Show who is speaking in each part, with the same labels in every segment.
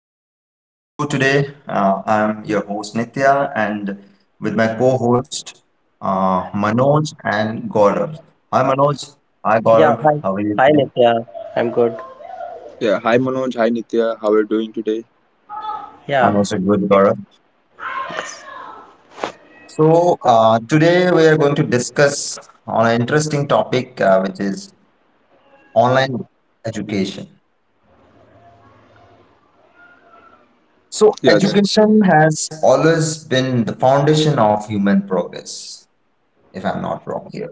Speaker 1: Welcome back to my show today. I'm your host Nitya and with my co-host Manoj and Gaurav. Hi Manoj, hi
Speaker 2: Yeah,
Speaker 1: Gaurav,
Speaker 2: hi.
Speaker 1: how are you
Speaker 2: Hi,
Speaker 1: today?
Speaker 2: Nitya. I'm good.
Speaker 3: Yeah, hi Manoj, hi Nitya, how are you doing today?
Speaker 1: I'm
Speaker 2: Yeah,
Speaker 1: also good,
Speaker 2: yeah.
Speaker 1: Gaurav. So today we are going to discuss on an interesting topic which is online education. So
Speaker 3: Yeah, that.
Speaker 1: education has always been the foundation of human progress, if I'm not wrong here.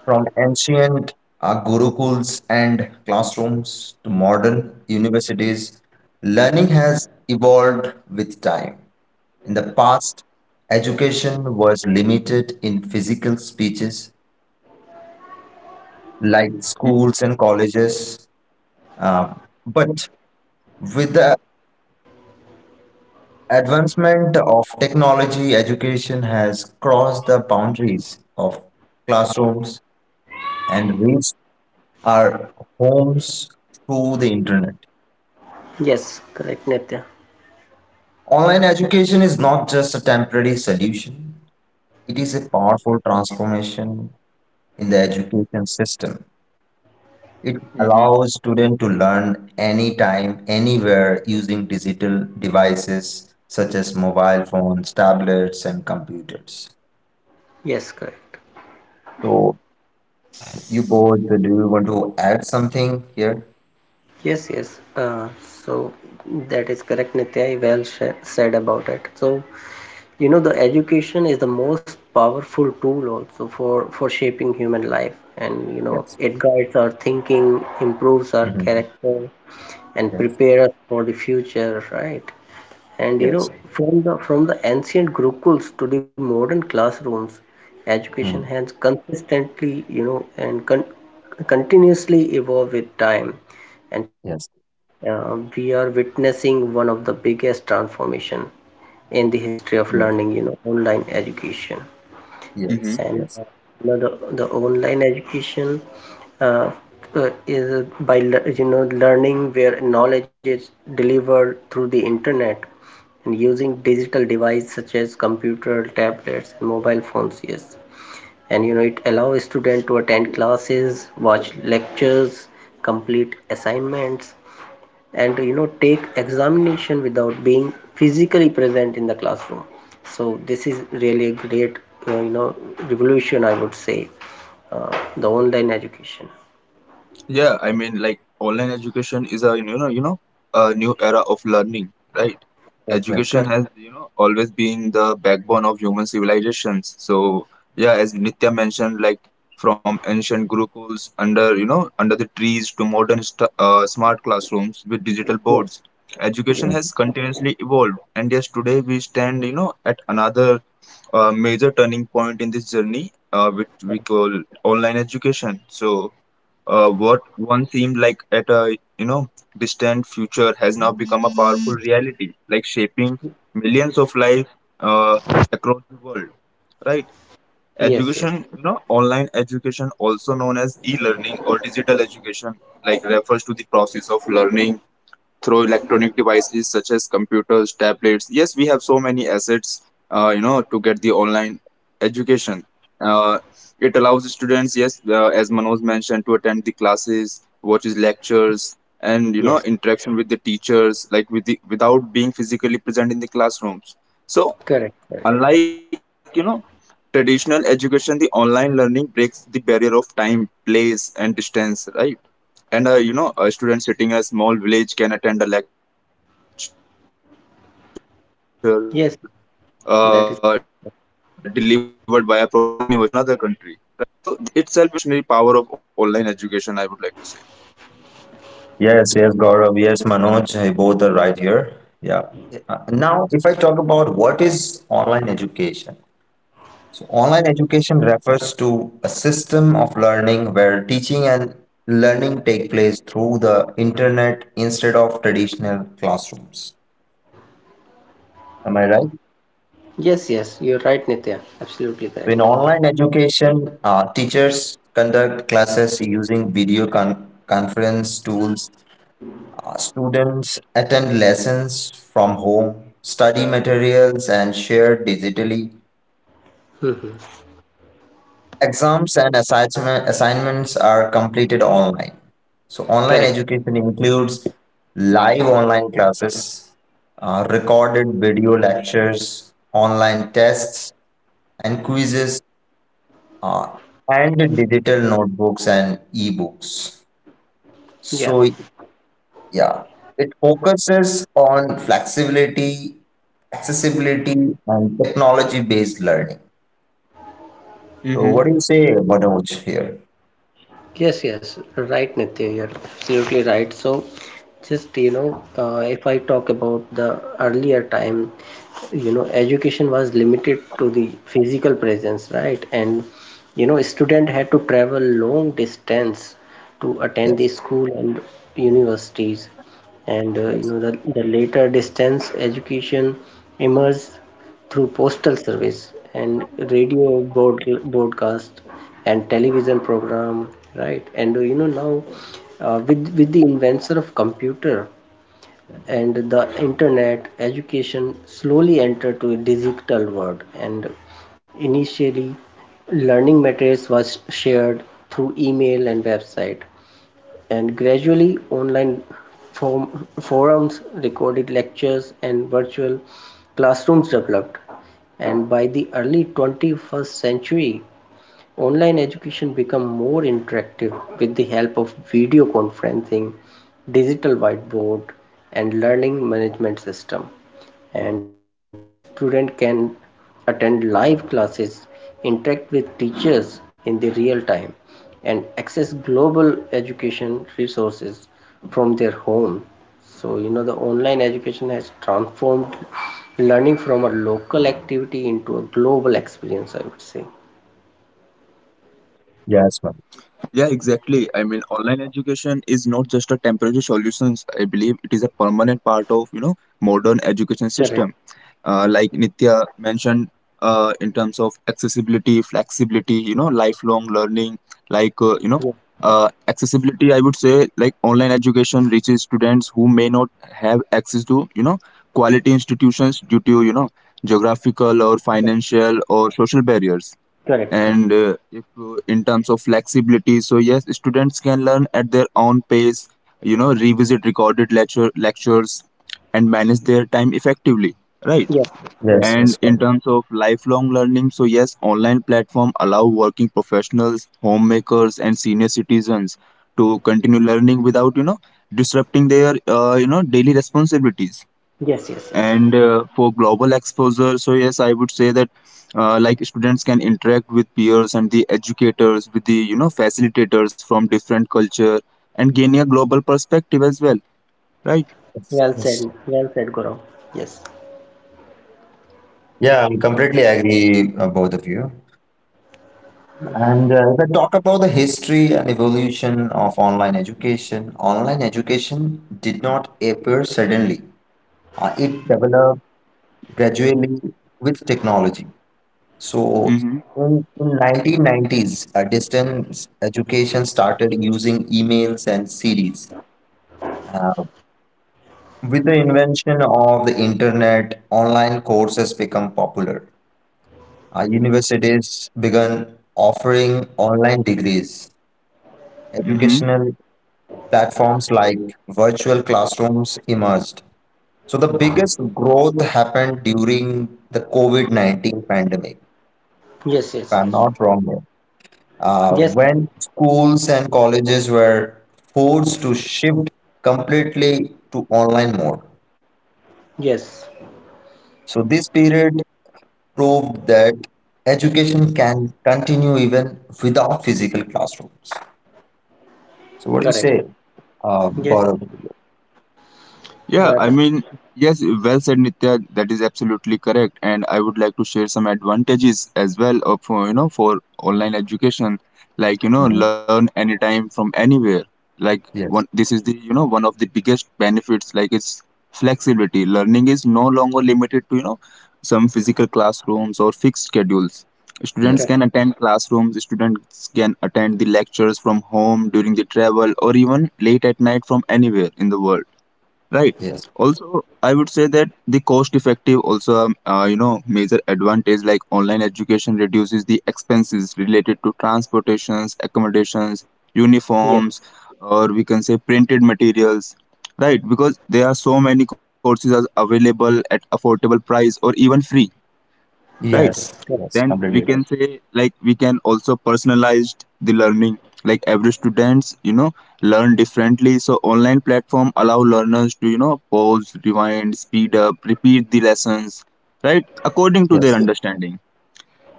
Speaker 1: From ancient gurukuls and classrooms to modern universities, learning has evolved with time. In the past, education was limited in physical speeches like
Speaker 3: Hmm
Speaker 1: schools and colleges. Uh, but with the advancement of technology, education has crossed the boundaries of classrooms and reached our homes through the internet.
Speaker 2: Yes, correct, Nitya.
Speaker 1: Online education is not just a temporary solution, it is a powerful transformation in the education system. It
Speaker 3: hmm
Speaker 1: allows students to learn anytime, anywhere using digital devices such as mobile phones, tablets, and computers.
Speaker 2: Yes, correct.
Speaker 1: So, you both, do you want to add something here?
Speaker 2: Yes, yes. So that is correct, Nitya. You said about it. So, you know, the education is the most powerful tool also for shaping human life. And, you know,
Speaker 1: Yes.
Speaker 2: it guides our thinking, improves our
Speaker 1: Mhm.
Speaker 2: character, and
Speaker 1: Yes.
Speaker 2: prepares us for the future, right? And you
Speaker 1: Yes.
Speaker 2: know, from the ancient gurukuls to the modern classrooms, education
Speaker 1: Mm.
Speaker 2: has consistently, you know, and con continuously evolved with time. And
Speaker 1: Yes.
Speaker 2: today, we are witnessing one of the biggest transformation in the history of
Speaker 1: Yes.
Speaker 2: learning, you know, online education.
Speaker 1: Yes.
Speaker 3: hmm
Speaker 2: And
Speaker 1: Yes.
Speaker 2: you know the online education, uh, is by you know learning where knowledge is delivered through the internet and using digital devices such as computer tablets and mobile phones, yes. And you know it allows students to attend classes, watch lectures, complete assignments, and you know take examination without being physically present in the classroom. So this is really a great, you know, revolution I would say, uh, the online education.
Speaker 3: Yeah, I mean, online education is a a new era of learning, right?
Speaker 1: Yes.
Speaker 3: Education
Speaker 2: Correct,
Speaker 3: has always been the backbone of human civilizations. So yeah, as Nitya mentioned, from ancient gurukuls under under the trees to modern smart classrooms with digital
Speaker 2: correct. Yes,
Speaker 3: boards, education
Speaker 2: yes,
Speaker 3: has
Speaker 1: Mm-hmm.
Speaker 3: continuously evolved, and yes, today we stand at another a major turning point in this journey, which we call online education. So, what once seemed like at a distant future has now become a powerful reality, like shaping millions of lives uh, across the world. Right?
Speaker 2: yes. Yes,
Speaker 3: Online education, also known as e-learning or digital education, like refers to the process of learning through electronic devices such as computers, tablets. Yes, we have so many assets, to get the online education. Uh, it allows students, yes, as Manoj mentioned, to attend the classes, watches lectures, and
Speaker 2: yes.
Speaker 3: interaction with the teachers, like without being physically present in the classrooms. So,
Speaker 2: Correct, correct.
Speaker 3: unlike traditional education, the online learning breaks the barrier of time, place, and distance, right? And a student sitting in a small village can attend a lecture delivered by a professor from a top university
Speaker 2: Yes,
Speaker 3: in another country,
Speaker 2: that is.
Speaker 3: right? So this itself shows the revolutionary power of online education, I would like to say.
Speaker 1: Yes, yes, Gaurav, yes, Manoj, eh, both are right here. Yeah. Now, if I talk about what is online education, so online education refers to a system of learning where teaching and learning take place through the internet instead of traditional classrooms. Am I right?
Speaker 2: Yes, yes, you're right, Nitya, absolutely
Speaker 1: So in
Speaker 2: correct.
Speaker 1: online education, teachers conduct classes using video con conference tools. Students attend lessons from home, study materials and shared digitally.
Speaker 2: Hmm.
Speaker 1: Exams and assignments are completed online. So, online
Speaker 2: Correct.
Speaker 1: education includes live online classes, recorded video lectures, online tests and quizzes, uh, and digital notebooks and ebooks.
Speaker 2: Yeah.
Speaker 1: So, yeah, it focuses on flexibility, accessibility, and technology-based learning. So, what do you say,
Speaker 3: Mm-hmm.
Speaker 1: Manoj, here?
Speaker 2: Yes, yes, right, Nitya, you're absolutely right. So, just you know, if I talk about the earlier time, you know, education was limited to the physical presence, right? And you know, a student had to travel long distance to attend the
Speaker 1: Yes,
Speaker 2: school and universities. And you
Speaker 1: yes,
Speaker 2: know, the later distance education emerged through postal service and radio broadcast and television program, right? And you know now, with the invention of computer and the internet, education slowly entered to a digital world. And initially learning materials was shared through email and website, and gradually online forums, recorded lectures and virtual classrooms developed. And by the early 21st century online education become more interactive with the help of video conferencing, digital whiteboard, and learning management system. And today, student can attend live classes, interact with teachers in the real time, and access global education resources from their home. So, you know, the online education has transformed learning from a local activity into a global experience, I would say.
Speaker 1: yes, ma'am.
Speaker 3: Yeah exactly, I mean online education is not just a temporary solution, I believe it is a permanent part of modern education
Speaker 2: Correct.
Speaker 3: system. Like Nitya mentioned, in terms of accessibility, flexibility, lifelong learning, like, uh, you
Speaker 2: Yeah.
Speaker 3: know, accessibility, I would say, like online education reaches students who may not have access to, quality institutions due to, geographical
Speaker 2: Yes,
Speaker 3: or financial or social barriers.
Speaker 2: correct, correct.
Speaker 3: And if In terms of flexibility, so yes, students can learn at their own pace, revisit recorded lectures and manage their time effectively, right?
Speaker 2: Yes,
Speaker 1: Yes,
Speaker 2: yes,
Speaker 1: yes,
Speaker 3: And
Speaker 1: ma'am.
Speaker 3: in terms of lifelong learning, so yes, online platform allow working professionals, homemakers, and senior citizens to continue learning without disrupting their daily responsibilities.
Speaker 2: yes, yes, yes.
Speaker 3: And for global exposure, so yes, I would say that like students can interact with peers and the educators, with the facilitators from different culture, and gaining a global perspective as well, right?
Speaker 1: Yes,
Speaker 2: Well
Speaker 1: yes.
Speaker 2: said, well said, Gaurav. Yes,
Speaker 1: Yeah, I'm completely agree, both of you. And if I talk about the history and evolution of online education did not appear suddenly. It developed gradually with technology. So
Speaker 3: Mm-hmm.
Speaker 1: in 1990s, distance education started using emails and series. Uh, with the invention of the internet, online courses become popular. Universities began offering online degrees.
Speaker 3: Mm-hmm.
Speaker 1: Educational platforms like virtual classrooms emerged. So the biggest growth happened during the COVID-19 pandemic,
Speaker 2: yes,
Speaker 1: if I'm
Speaker 2: yes,
Speaker 1: not wrong. Uh,
Speaker 2: yes,
Speaker 1: when schools and colleges were forced to shift completely to online mode.
Speaker 2: yes,
Speaker 1: So, this period proved that education can continue even without physical classrooms. So, what do you say,
Speaker 2: correct. Yes,
Speaker 1: Gaurav?
Speaker 3: Yeah,
Speaker 2: you
Speaker 3: I
Speaker 2: are ab-
Speaker 3: mean, yes, well said, Nitya. That is absolutely correct, and I would like to share some advantages as well of for online education, like
Speaker 1: Mhm.
Speaker 3: learn anytime from anywhere. Like one,
Speaker 1: Yes,
Speaker 3: this is the one of the biggest benefits. Like it's flexibility. Learning is no longer limited to some physical classrooms or fixed schedules.
Speaker 1: yes,
Speaker 3: Students can
Speaker 2: correct.
Speaker 3: attend classrooms. Students can attend the lectures from home during the travel or even late at night from anywhere in the world. Right.
Speaker 1: yes,
Speaker 3: Also, I would say that the cost effective also major advantage, like online education reduces the expenses related to transportations, accommodations,
Speaker 2: Yes,
Speaker 3: uniforms, or we can say printed materials. Right, because there are so many courses are available at affordable price or even free. Right,
Speaker 1: yes, yes,
Speaker 2: correct.
Speaker 3: then we
Speaker 1: completely right.
Speaker 3: can say like we can also personalize the learning, like every students learn differently, so online platform allow learners to pause, rewind, speed up, repeat the lessons, right, according to their
Speaker 1: Yes,
Speaker 2: Yes,
Speaker 3: understanding.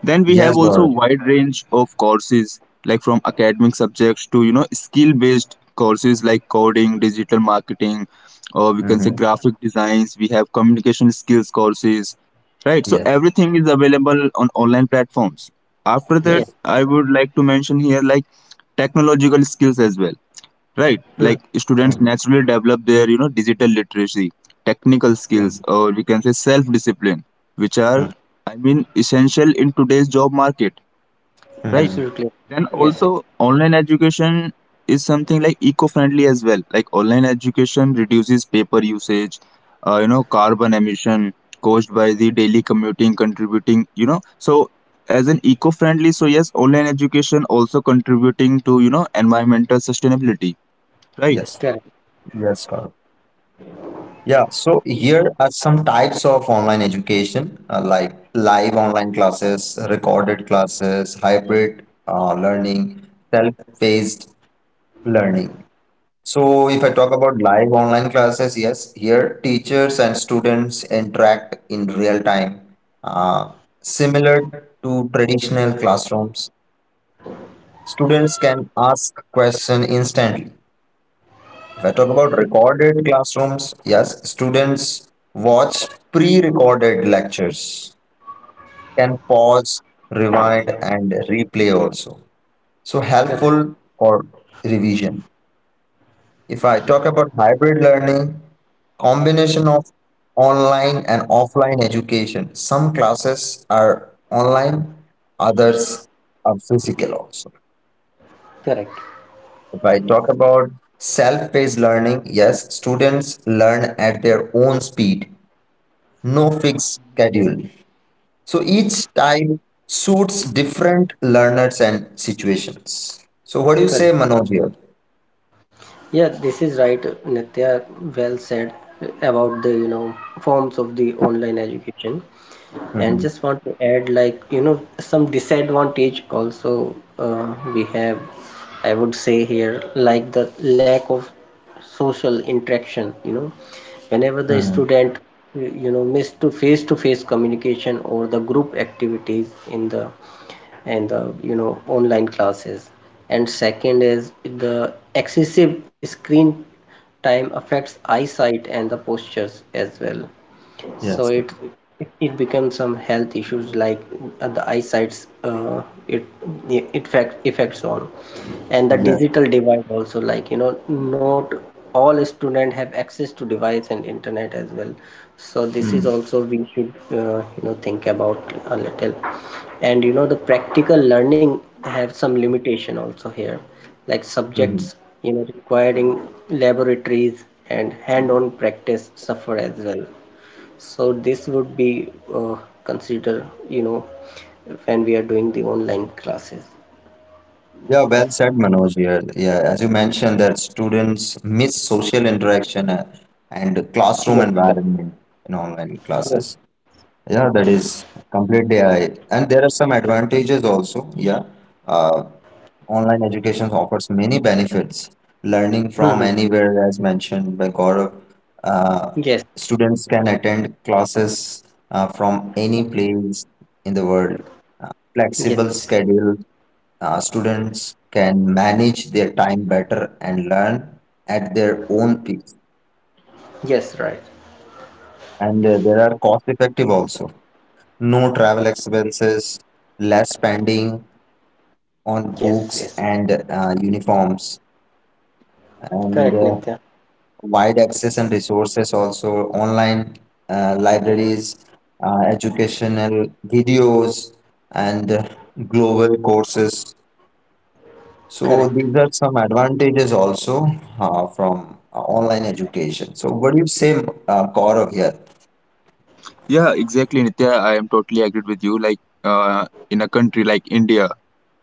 Speaker 3: Then we have
Speaker 1: yes,
Speaker 3: also
Speaker 1: Gaurav.
Speaker 3: wide range of courses, like from academic subjects to skill based courses like coding, digital marketing, or we can say
Speaker 1: Mm-hmm.
Speaker 3: graphic designs. We have communication skills courses, right? So
Speaker 1: Yes,
Speaker 3: everything is available on online platforms. After that,
Speaker 1: yes.
Speaker 2: yes.
Speaker 3: I would like to mention here like technological skills as well, right, like
Speaker 2: Hmm.
Speaker 3: students
Speaker 1: Mm-hmm.
Speaker 3: naturally develop their digital literacy, technical
Speaker 2: Yes,
Speaker 3: skills, or we can say self discipline, which are
Speaker 1: Mm-hmm.
Speaker 3: I mean essential in today's job market, right?
Speaker 1: Mm-hmm.
Speaker 2: absolutely.
Speaker 3: Then
Speaker 2: Yes, yes,
Speaker 3: also online education is something like eco friendly as well, like online education reduces paper usage, carbon emission caused by the daily commuting contributing so as an eco friendly, so yes online education also contributing to environmental sustainability, right?
Speaker 1: Yes,
Speaker 2: correct,
Speaker 1: yes, Gaurav. Yeah, so here are some types of online education like live online classes, recorded classes, hybrid learning, self-paced learning. So, if I talk about live online classes, yes, here teachers and students interact in real time, uh, similar to traditional classrooms. Students can ask question instantly. If I talk about recorded classrooms, yes, students watch pre recorded lectures, can pause,
Speaker 3: hmm
Speaker 1: rewind, and replay also. So,
Speaker 2: correct,
Speaker 1: helpful for revision. If I talk about hybrid learning, combination of online and offline education, some classes are online, others are physical also.
Speaker 2: correct,
Speaker 1: If I talk about self paced learning, yes, students learn at their own speed no fixed schedule. So each type suits different learners and situations. So what do you say,
Speaker 2: correct.
Speaker 1: Manoj here?
Speaker 2: Yeah, this is right, Nitya. Well said about the, you know, forms of the online education. And
Speaker 1: Mm-hmm.
Speaker 2: just want to add like you know some disadvantage also, we have. I would say here like the lack of social interaction, you know, whenever the
Speaker 1: Mm-hmm.
Speaker 2: student you know missed to face communication or the group activities in the you know online classes. And second is the excessive screen time affects eyesight and the postures as well. So
Speaker 1: Yes,
Speaker 2: it
Speaker 1: yes,
Speaker 2: it becomes some health issues like, the eyesight's it it fact effects on. And the
Speaker 1: yes.
Speaker 2: digital divide also, like you know not all student have access to device and internet as well. So this is
Speaker 1: Mm-hmm.
Speaker 2: also we should, you know, think about a little. And you know the practical learning have some limitation also here, like subjects you know requiring laboratories and hand-on practice suffer as well. So this would be, consider, you know, when we are doing the online classes.
Speaker 1: Yeah, well said, Manoj here. Yeah, as you mentioned that students miss social interaction and
Speaker 2: Yes,
Speaker 1: classroom
Speaker 2: correct.
Speaker 1: environment in online
Speaker 2: Yes.
Speaker 1: classes. Yeah, that is completely AI. And there are some advantages also. Yeah. Uh, Online education offers many benefits. Learning
Speaker 2: Hmm.
Speaker 1: from anywhere, as mentioned by Gaurav, uh,
Speaker 2: Yes,
Speaker 1: students can attend classes from any place in the world.
Speaker 2: yes,
Speaker 1: Flexible
Speaker 2: yes.
Speaker 1: schedule, students can manage their time better and learn at their own pace.
Speaker 2: Yes, right.
Speaker 1: And there are cost effective also. No travel expenses, less spending
Speaker 2: Yes,
Speaker 1: on
Speaker 2: yes. Yes.
Speaker 1: books and uniforms,
Speaker 2: Correct,
Speaker 1: and
Speaker 2: Nitya.
Speaker 1: wide access and resources also online libraries, educational videos, and global courses.
Speaker 2: Correct.
Speaker 1: So these are some advantages also from online education. So what do you say, Gaurav here?
Speaker 3: Yeah, exactly, Nitya. I am totally agreed with you. In a country like India,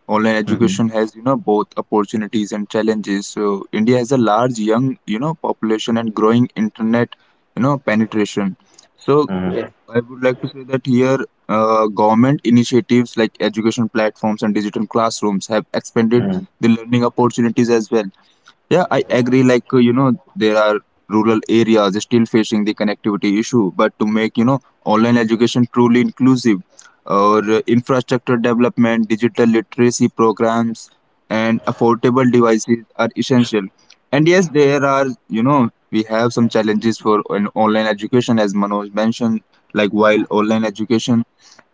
Speaker 3: online
Speaker 1: Mm-hmm.
Speaker 3: education has both opportunities and challenges. So India has a large young population and growing internet penetration. So
Speaker 1: Mm-hmm.
Speaker 2: Yes,
Speaker 3: I would like to say that here, government initiatives like education platforms and digital classrooms have expanded the learning opportunities as well. Yeah, I
Speaker 1: Yes.
Speaker 3: agree. There are rural areas still facing the connectivity issue, but to make, online education truly inclusive, or infrastructure development, digital literacy programs, and affordable devices are essential. And yes, there are, we have some challenges for an online education, as Manoj mentioned, like while online education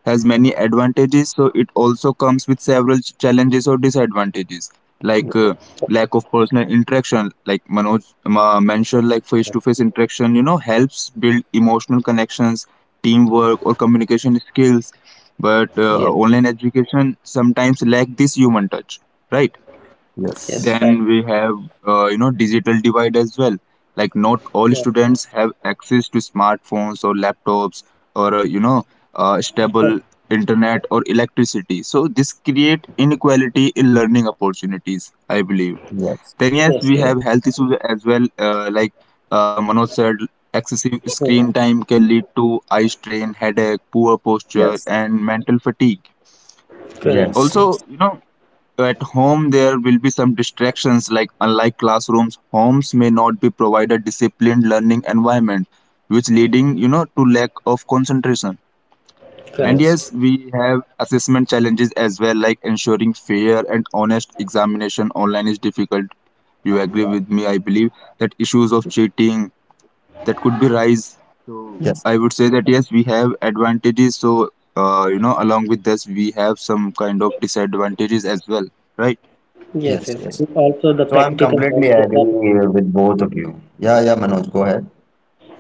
Speaker 3: has many advantages, so it also comes with several challenges or disadvantages, like
Speaker 1: Yes.
Speaker 3: uh, lack of personal interaction, like Manoj mentioned, like face to face interaction helps build emotional connections, teamwork, or communication skills, but
Speaker 2: yes,
Speaker 3: uh, online education sometimes lack this human touch, right?
Speaker 2: yes,
Speaker 1: Yes.
Speaker 2: right.
Speaker 3: Then we have, digital divide as well. Like not all
Speaker 2: Yeah.
Speaker 3: students have access to smartphones or laptops, or
Speaker 2: Correct.
Speaker 3: stable internet or electricity. So this create inequality in learning opportunities, I believe. Then yes,
Speaker 2: Yes,
Speaker 3: we
Speaker 2: yes.
Speaker 1: Yes.
Speaker 3: have health issues as well. Like Manoj said, excessive
Speaker 2: Mhm.
Speaker 3: screen time can lead to eye strain, headache, poor posture,
Speaker 1: Yes.
Speaker 3: and mental fatigue.
Speaker 2: Correct.
Speaker 1: Yes,
Speaker 3: Also,
Speaker 1: yes,
Speaker 3: you know, at home, there will be some distractions, like unlike classrooms, homes may not be provided disciplined learning environment, which leading to lack of concentration.
Speaker 2: Correct.
Speaker 3: And
Speaker 1: yes,
Speaker 3: yes, we have assessment challenges as well, like ensuring fair and honest examination online is difficult. You agree with me, I believe that issues of cheating that could be rise. So
Speaker 1: yes,
Speaker 3: I would say that yes, we have advantages. So along with this, we have some kind of disadvantages as well, right?
Speaker 2: Yes,
Speaker 1: yes,
Speaker 2: yes.
Speaker 1: yes.
Speaker 2: Also the
Speaker 1: So I'm
Speaker 2: practical
Speaker 1: completely
Speaker 2: knowledge.
Speaker 1: agree with both of you. Yeah, yeah, Manoj, go ahead.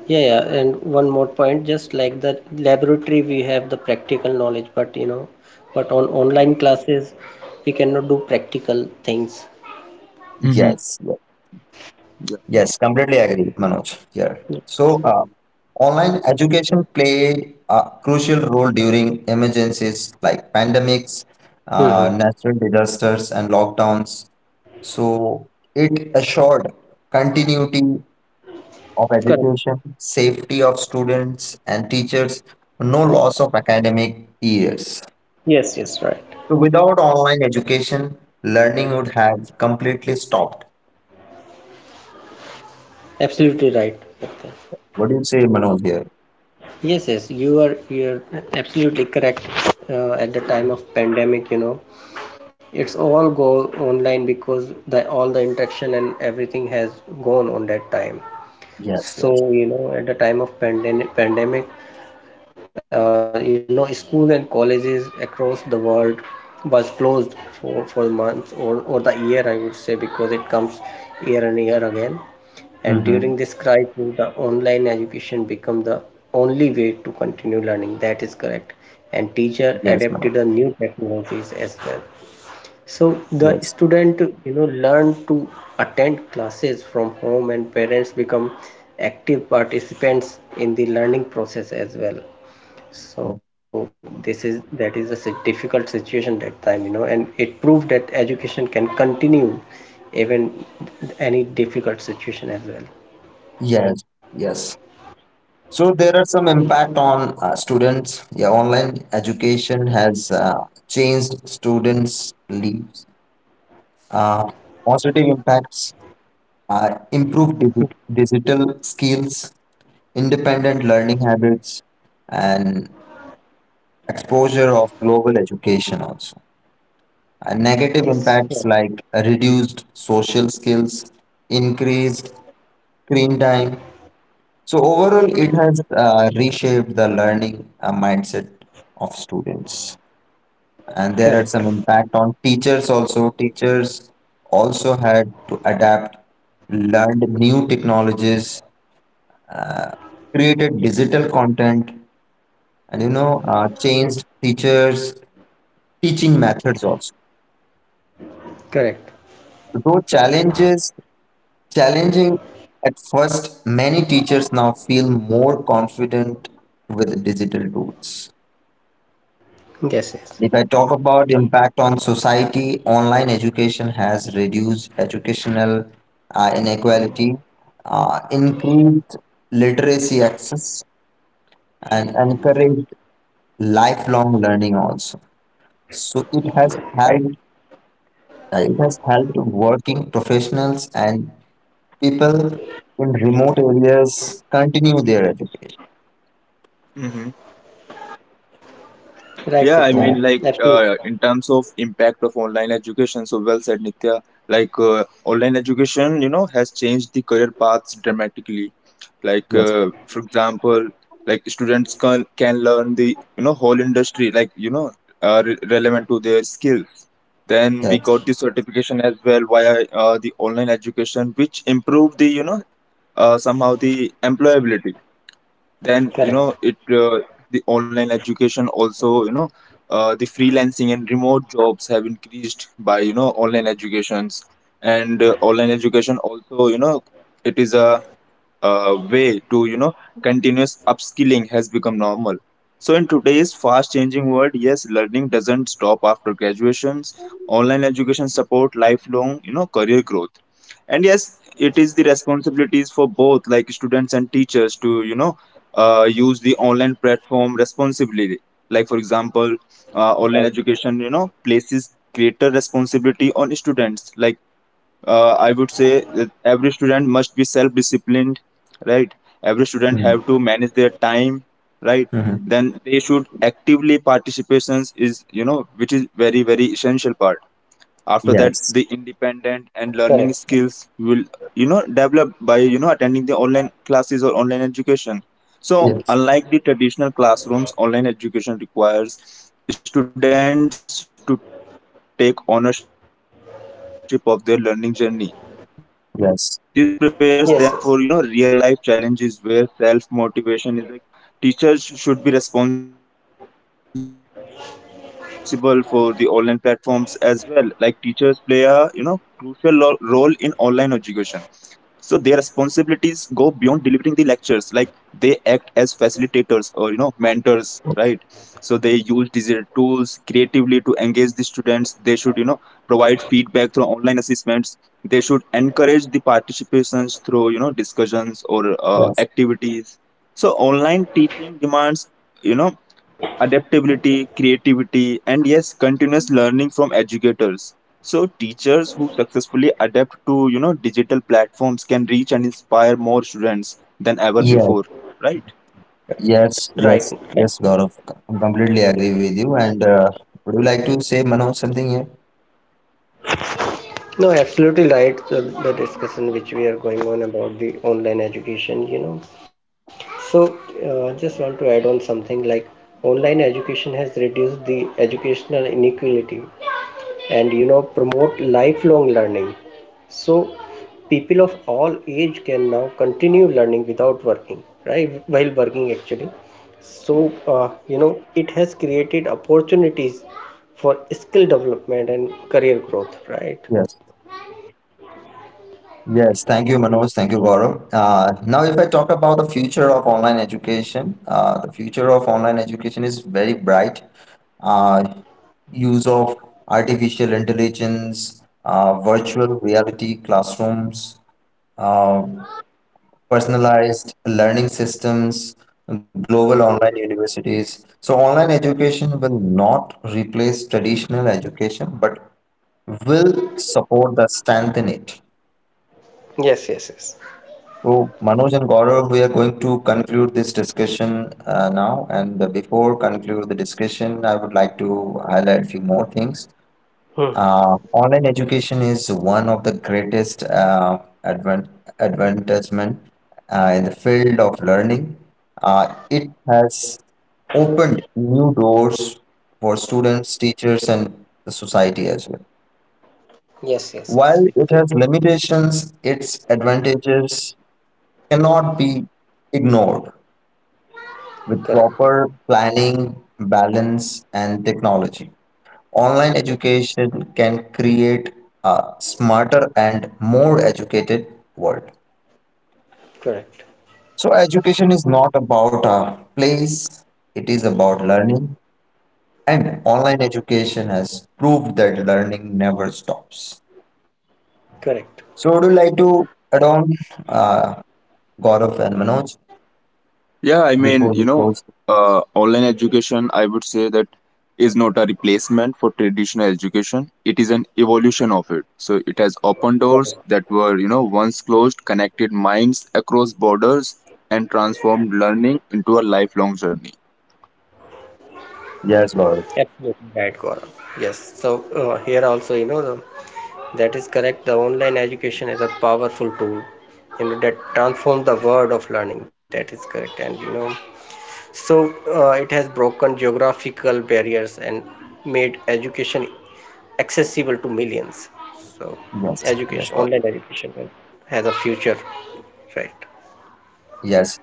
Speaker 2: Yeah, yeah, and one more point, just like the laboratory, we have the practical knowledge, but you know, but on online classes, we cannot do practical things.
Speaker 3: Mhm.
Speaker 1: Yes, yes, yes, completely agree, Manoj. Yeah. So, online education play a crucial role during emergencies like pandemics,
Speaker 2: Mm-hmm.
Speaker 1: natural disasters, and lockdowns. So, it assured continuity of
Speaker 2: Correct.
Speaker 1: education, safety of students and teachers, no loss of academic years.
Speaker 2: Yes, yes, right.
Speaker 1: So without online education, learning would have completely stopped.
Speaker 2: Absolutely right. Okay.
Speaker 1: What do you say, Manoj, here?
Speaker 2: Yes, yes, you're absolutely correct. At the time of pandemic, you know, it's all go online because the all the interaction and everything has gone on that time.
Speaker 1: Yes, yes,
Speaker 2: So, you know, at the time of pandemic, you know schools and colleges across the world was closed for the month or the year I would say, because it comes year and year again. And
Speaker 1: mm-hmm,
Speaker 2: during this crisis the online education became the only way to continue learning, that is correct. And teacher
Speaker 1: yes, Manoj.
Speaker 2: adapted the new technologies as well. So the
Speaker 1: Yes,
Speaker 2: student you know learn to attend classes from home, and parents become active participants in the learning process as well. So
Speaker 1: yes,
Speaker 2: this is that is a si, difficult situation that time, you know, and it proved that education can continue even any difficult situation as well.
Speaker 1: yes, yes. So
Speaker 2: Yeah,
Speaker 1: there are some impact on students. Yeah, online education has changed students' lives. Uh, Positive impacts are improved digital skills, independent learning habits, and exposure of global education also. Negative
Speaker 2: yes. Yeah.
Speaker 1: impacts like reduced social skills, increased screen time. So overall, it has reshaped the learning mindset of students. And
Speaker 2: Correct,
Speaker 1: there are some impact on teachers also. Teachers also had to adapt, learned new technologies, created digital content, and changed teachers' teaching methods also.
Speaker 2: correct.
Speaker 1: Though challenges Challenging at first, many teachers now feel more confident with digital tools.
Speaker 2: Yes, yes,
Speaker 1: If I talk about impact on society, online education has reduced educational inequality, increased literacy access, and encouraged lifelong learning also. So it has
Speaker 2: right,
Speaker 1: helped. It has helped working professionals and people in remote areas continue their education.
Speaker 3: hmm
Speaker 2: right, Nitya,
Speaker 3: Yeah, I
Speaker 1: So
Speaker 3: mean,
Speaker 2: absolutely
Speaker 3: in terms of impact of online education, so well said, Nitya. Like uh, Online education, you know, has changed the career paths dramatically. Like
Speaker 1: yes,
Speaker 3: uh, for example, like students can learn the whole industry, like relevant to their skills. Then we
Speaker 1: yes,
Speaker 3: got the certification as well via the online education, which improved the somehow the employability. Then you know
Speaker 2: correct.
Speaker 3: it the online education also the freelancing and remote jobs have increased by online educations. And online education also it is a way to continuous upskilling has become normal. So in today's fast changing world, yes, learning doesn't stop after graduations. Online education support lifelong career growth. And yes, it is the responsibilities for both like students and teachers to use the online platform responsibly. Like for example, online education places greater responsibility on students, I would say that every student must be self disciplined, right? Every student
Speaker 1: mm,
Speaker 3: have to manage their time, right?
Speaker 1: mhm,
Speaker 3: Then they should actively participations is which is very very essential part. After that,
Speaker 1: yes,
Speaker 3: the
Speaker 2: Correct.
Speaker 3: independent and learning skills will develop by attending the online classes or online education. So
Speaker 1: yes,
Speaker 3: unlike the traditional classrooms, online education requires students to take ownership of their learning journey. This prepares them for real life challenges where self
Speaker 1: yes,
Speaker 3: motivation is
Speaker 2: Yes,
Speaker 3: a
Speaker 2: yes,
Speaker 3: key. And along with the students, so yes, the teachers teachers should be responsible for the online platforms as well, like teachers play a crucial role in online education. So their responsibilities go beyond delivering the lectures. Like they act as facilitators or mentors, right? So they use digital tools creatively to engage the students. They should provide feedback through online assessments. They should encourage the participations through discussions or
Speaker 1: yes,
Speaker 3: activities. So online teaching demands you know adaptability, creativity, and yes, continuous learning from educators. So teachers who successfully adapt to digital platforms can reach and inspire more students than ever
Speaker 1: yes,
Speaker 3: before, right?
Speaker 1: yes,
Speaker 2: right,
Speaker 1: yes,
Speaker 2: right.
Speaker 1: yes, Gaurav. I'm completely agree with you. And would you like to say, Manoj, something here?
Speaker 2: No, absolutely right. Uh, the discussion which we are going on about the online education, you know. So, just want to add on something like online education has reduced the educational inequality, and, you know, promote lifelong learning. So, people of all age can now continue learning without working, right? While working, actually. So, you know, it has created opportunities for skill development and career growth, right?
Speaker 1: Yes. Yes, thank you, Manoj. Thank you, Gaurav. Now, if I talk about the future of online education, the future of online education is very bright. Uh, Use of artificial intelligence, virtual reality classrooms, uh, personalized learning systems, global online universities. So, online education will not replace traditional education, but will support the strength in it.
Speaker 2: Yes, yes, yes.
Speaker 1: So, Manoj and Gaurav, we are going to conclude this discussion now. And before conclude the discussion, I would like to highlight few more things.
Speaker 2: Hmm.
Speaker 1: Online education is one of the greatest advent advancement in the field of learning. It has opened new doors for students, teachers, and the society as well.
Speaker 2: Yes,
Speaker 1: While
Speaker 2: yes,
Speaker 1: it
Speaker 2: yes.
Speaker 1: has limitations, its advantages cannot be ignored. With
Speaker 2: Correct,
Speaker 1: proper planning, balance, and technology, online education can create a smarter and more educated world.
Speaker 2: correct,
Speaker 1: So, education is not about a place, it is about learning, and online education has proved that learning never stops.
Speaker 2: correct.
Speaker 1: So, would you like to add on, uh, Gaurav and Manoj,
Speaker 3: Yeah, I mean,
Speaker 1: before we close?
Speaker 3: online education, I would say that is not a replacement for traditional education. It is an evolution of it. So it has opened doors
Speaker 2: Correct.
Speaker 3: that were, once closed, connected minds across borders, and transformed learning into a lifelong journey.
Speaker 1: Yes, Gaurav.
Speaker 2: Absolutely right, Gaurav. Yes. So here also, you know, that is correct. The online education is a powerful tool, you know, that transforms the world of learning. That is correct, and you know, so it has broken geographical barriers and made education accessible to millions. So
Speaker 1: Yes,
Speaker 2: education,
Speaker 1: yes,
Speaker 2: online
Speaker 1: Gaurav.
Speaker 2: education, has a future, right?
Speaker 1: Yes.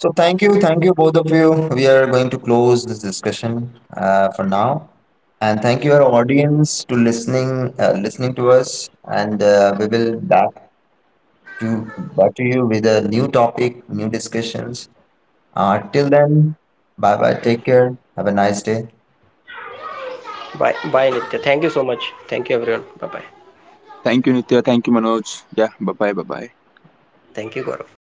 Speaker 1: So thank you both of you. We are going to close this discussion for now, and thank you our audience to listening, listening to us, and we will back to back to you with a new topic, new discussions. Till then, bye bye. Take care. Have a nice day.
Speaker 2: Bye bye, Nitya, thank you so much, thank you everyone, bye bye.
Speaker 3: Thank you, Nitya. Thank you, Manoj. Yeah, bye bye, bye bye.
Speaker 2: Thank you, Gaurav.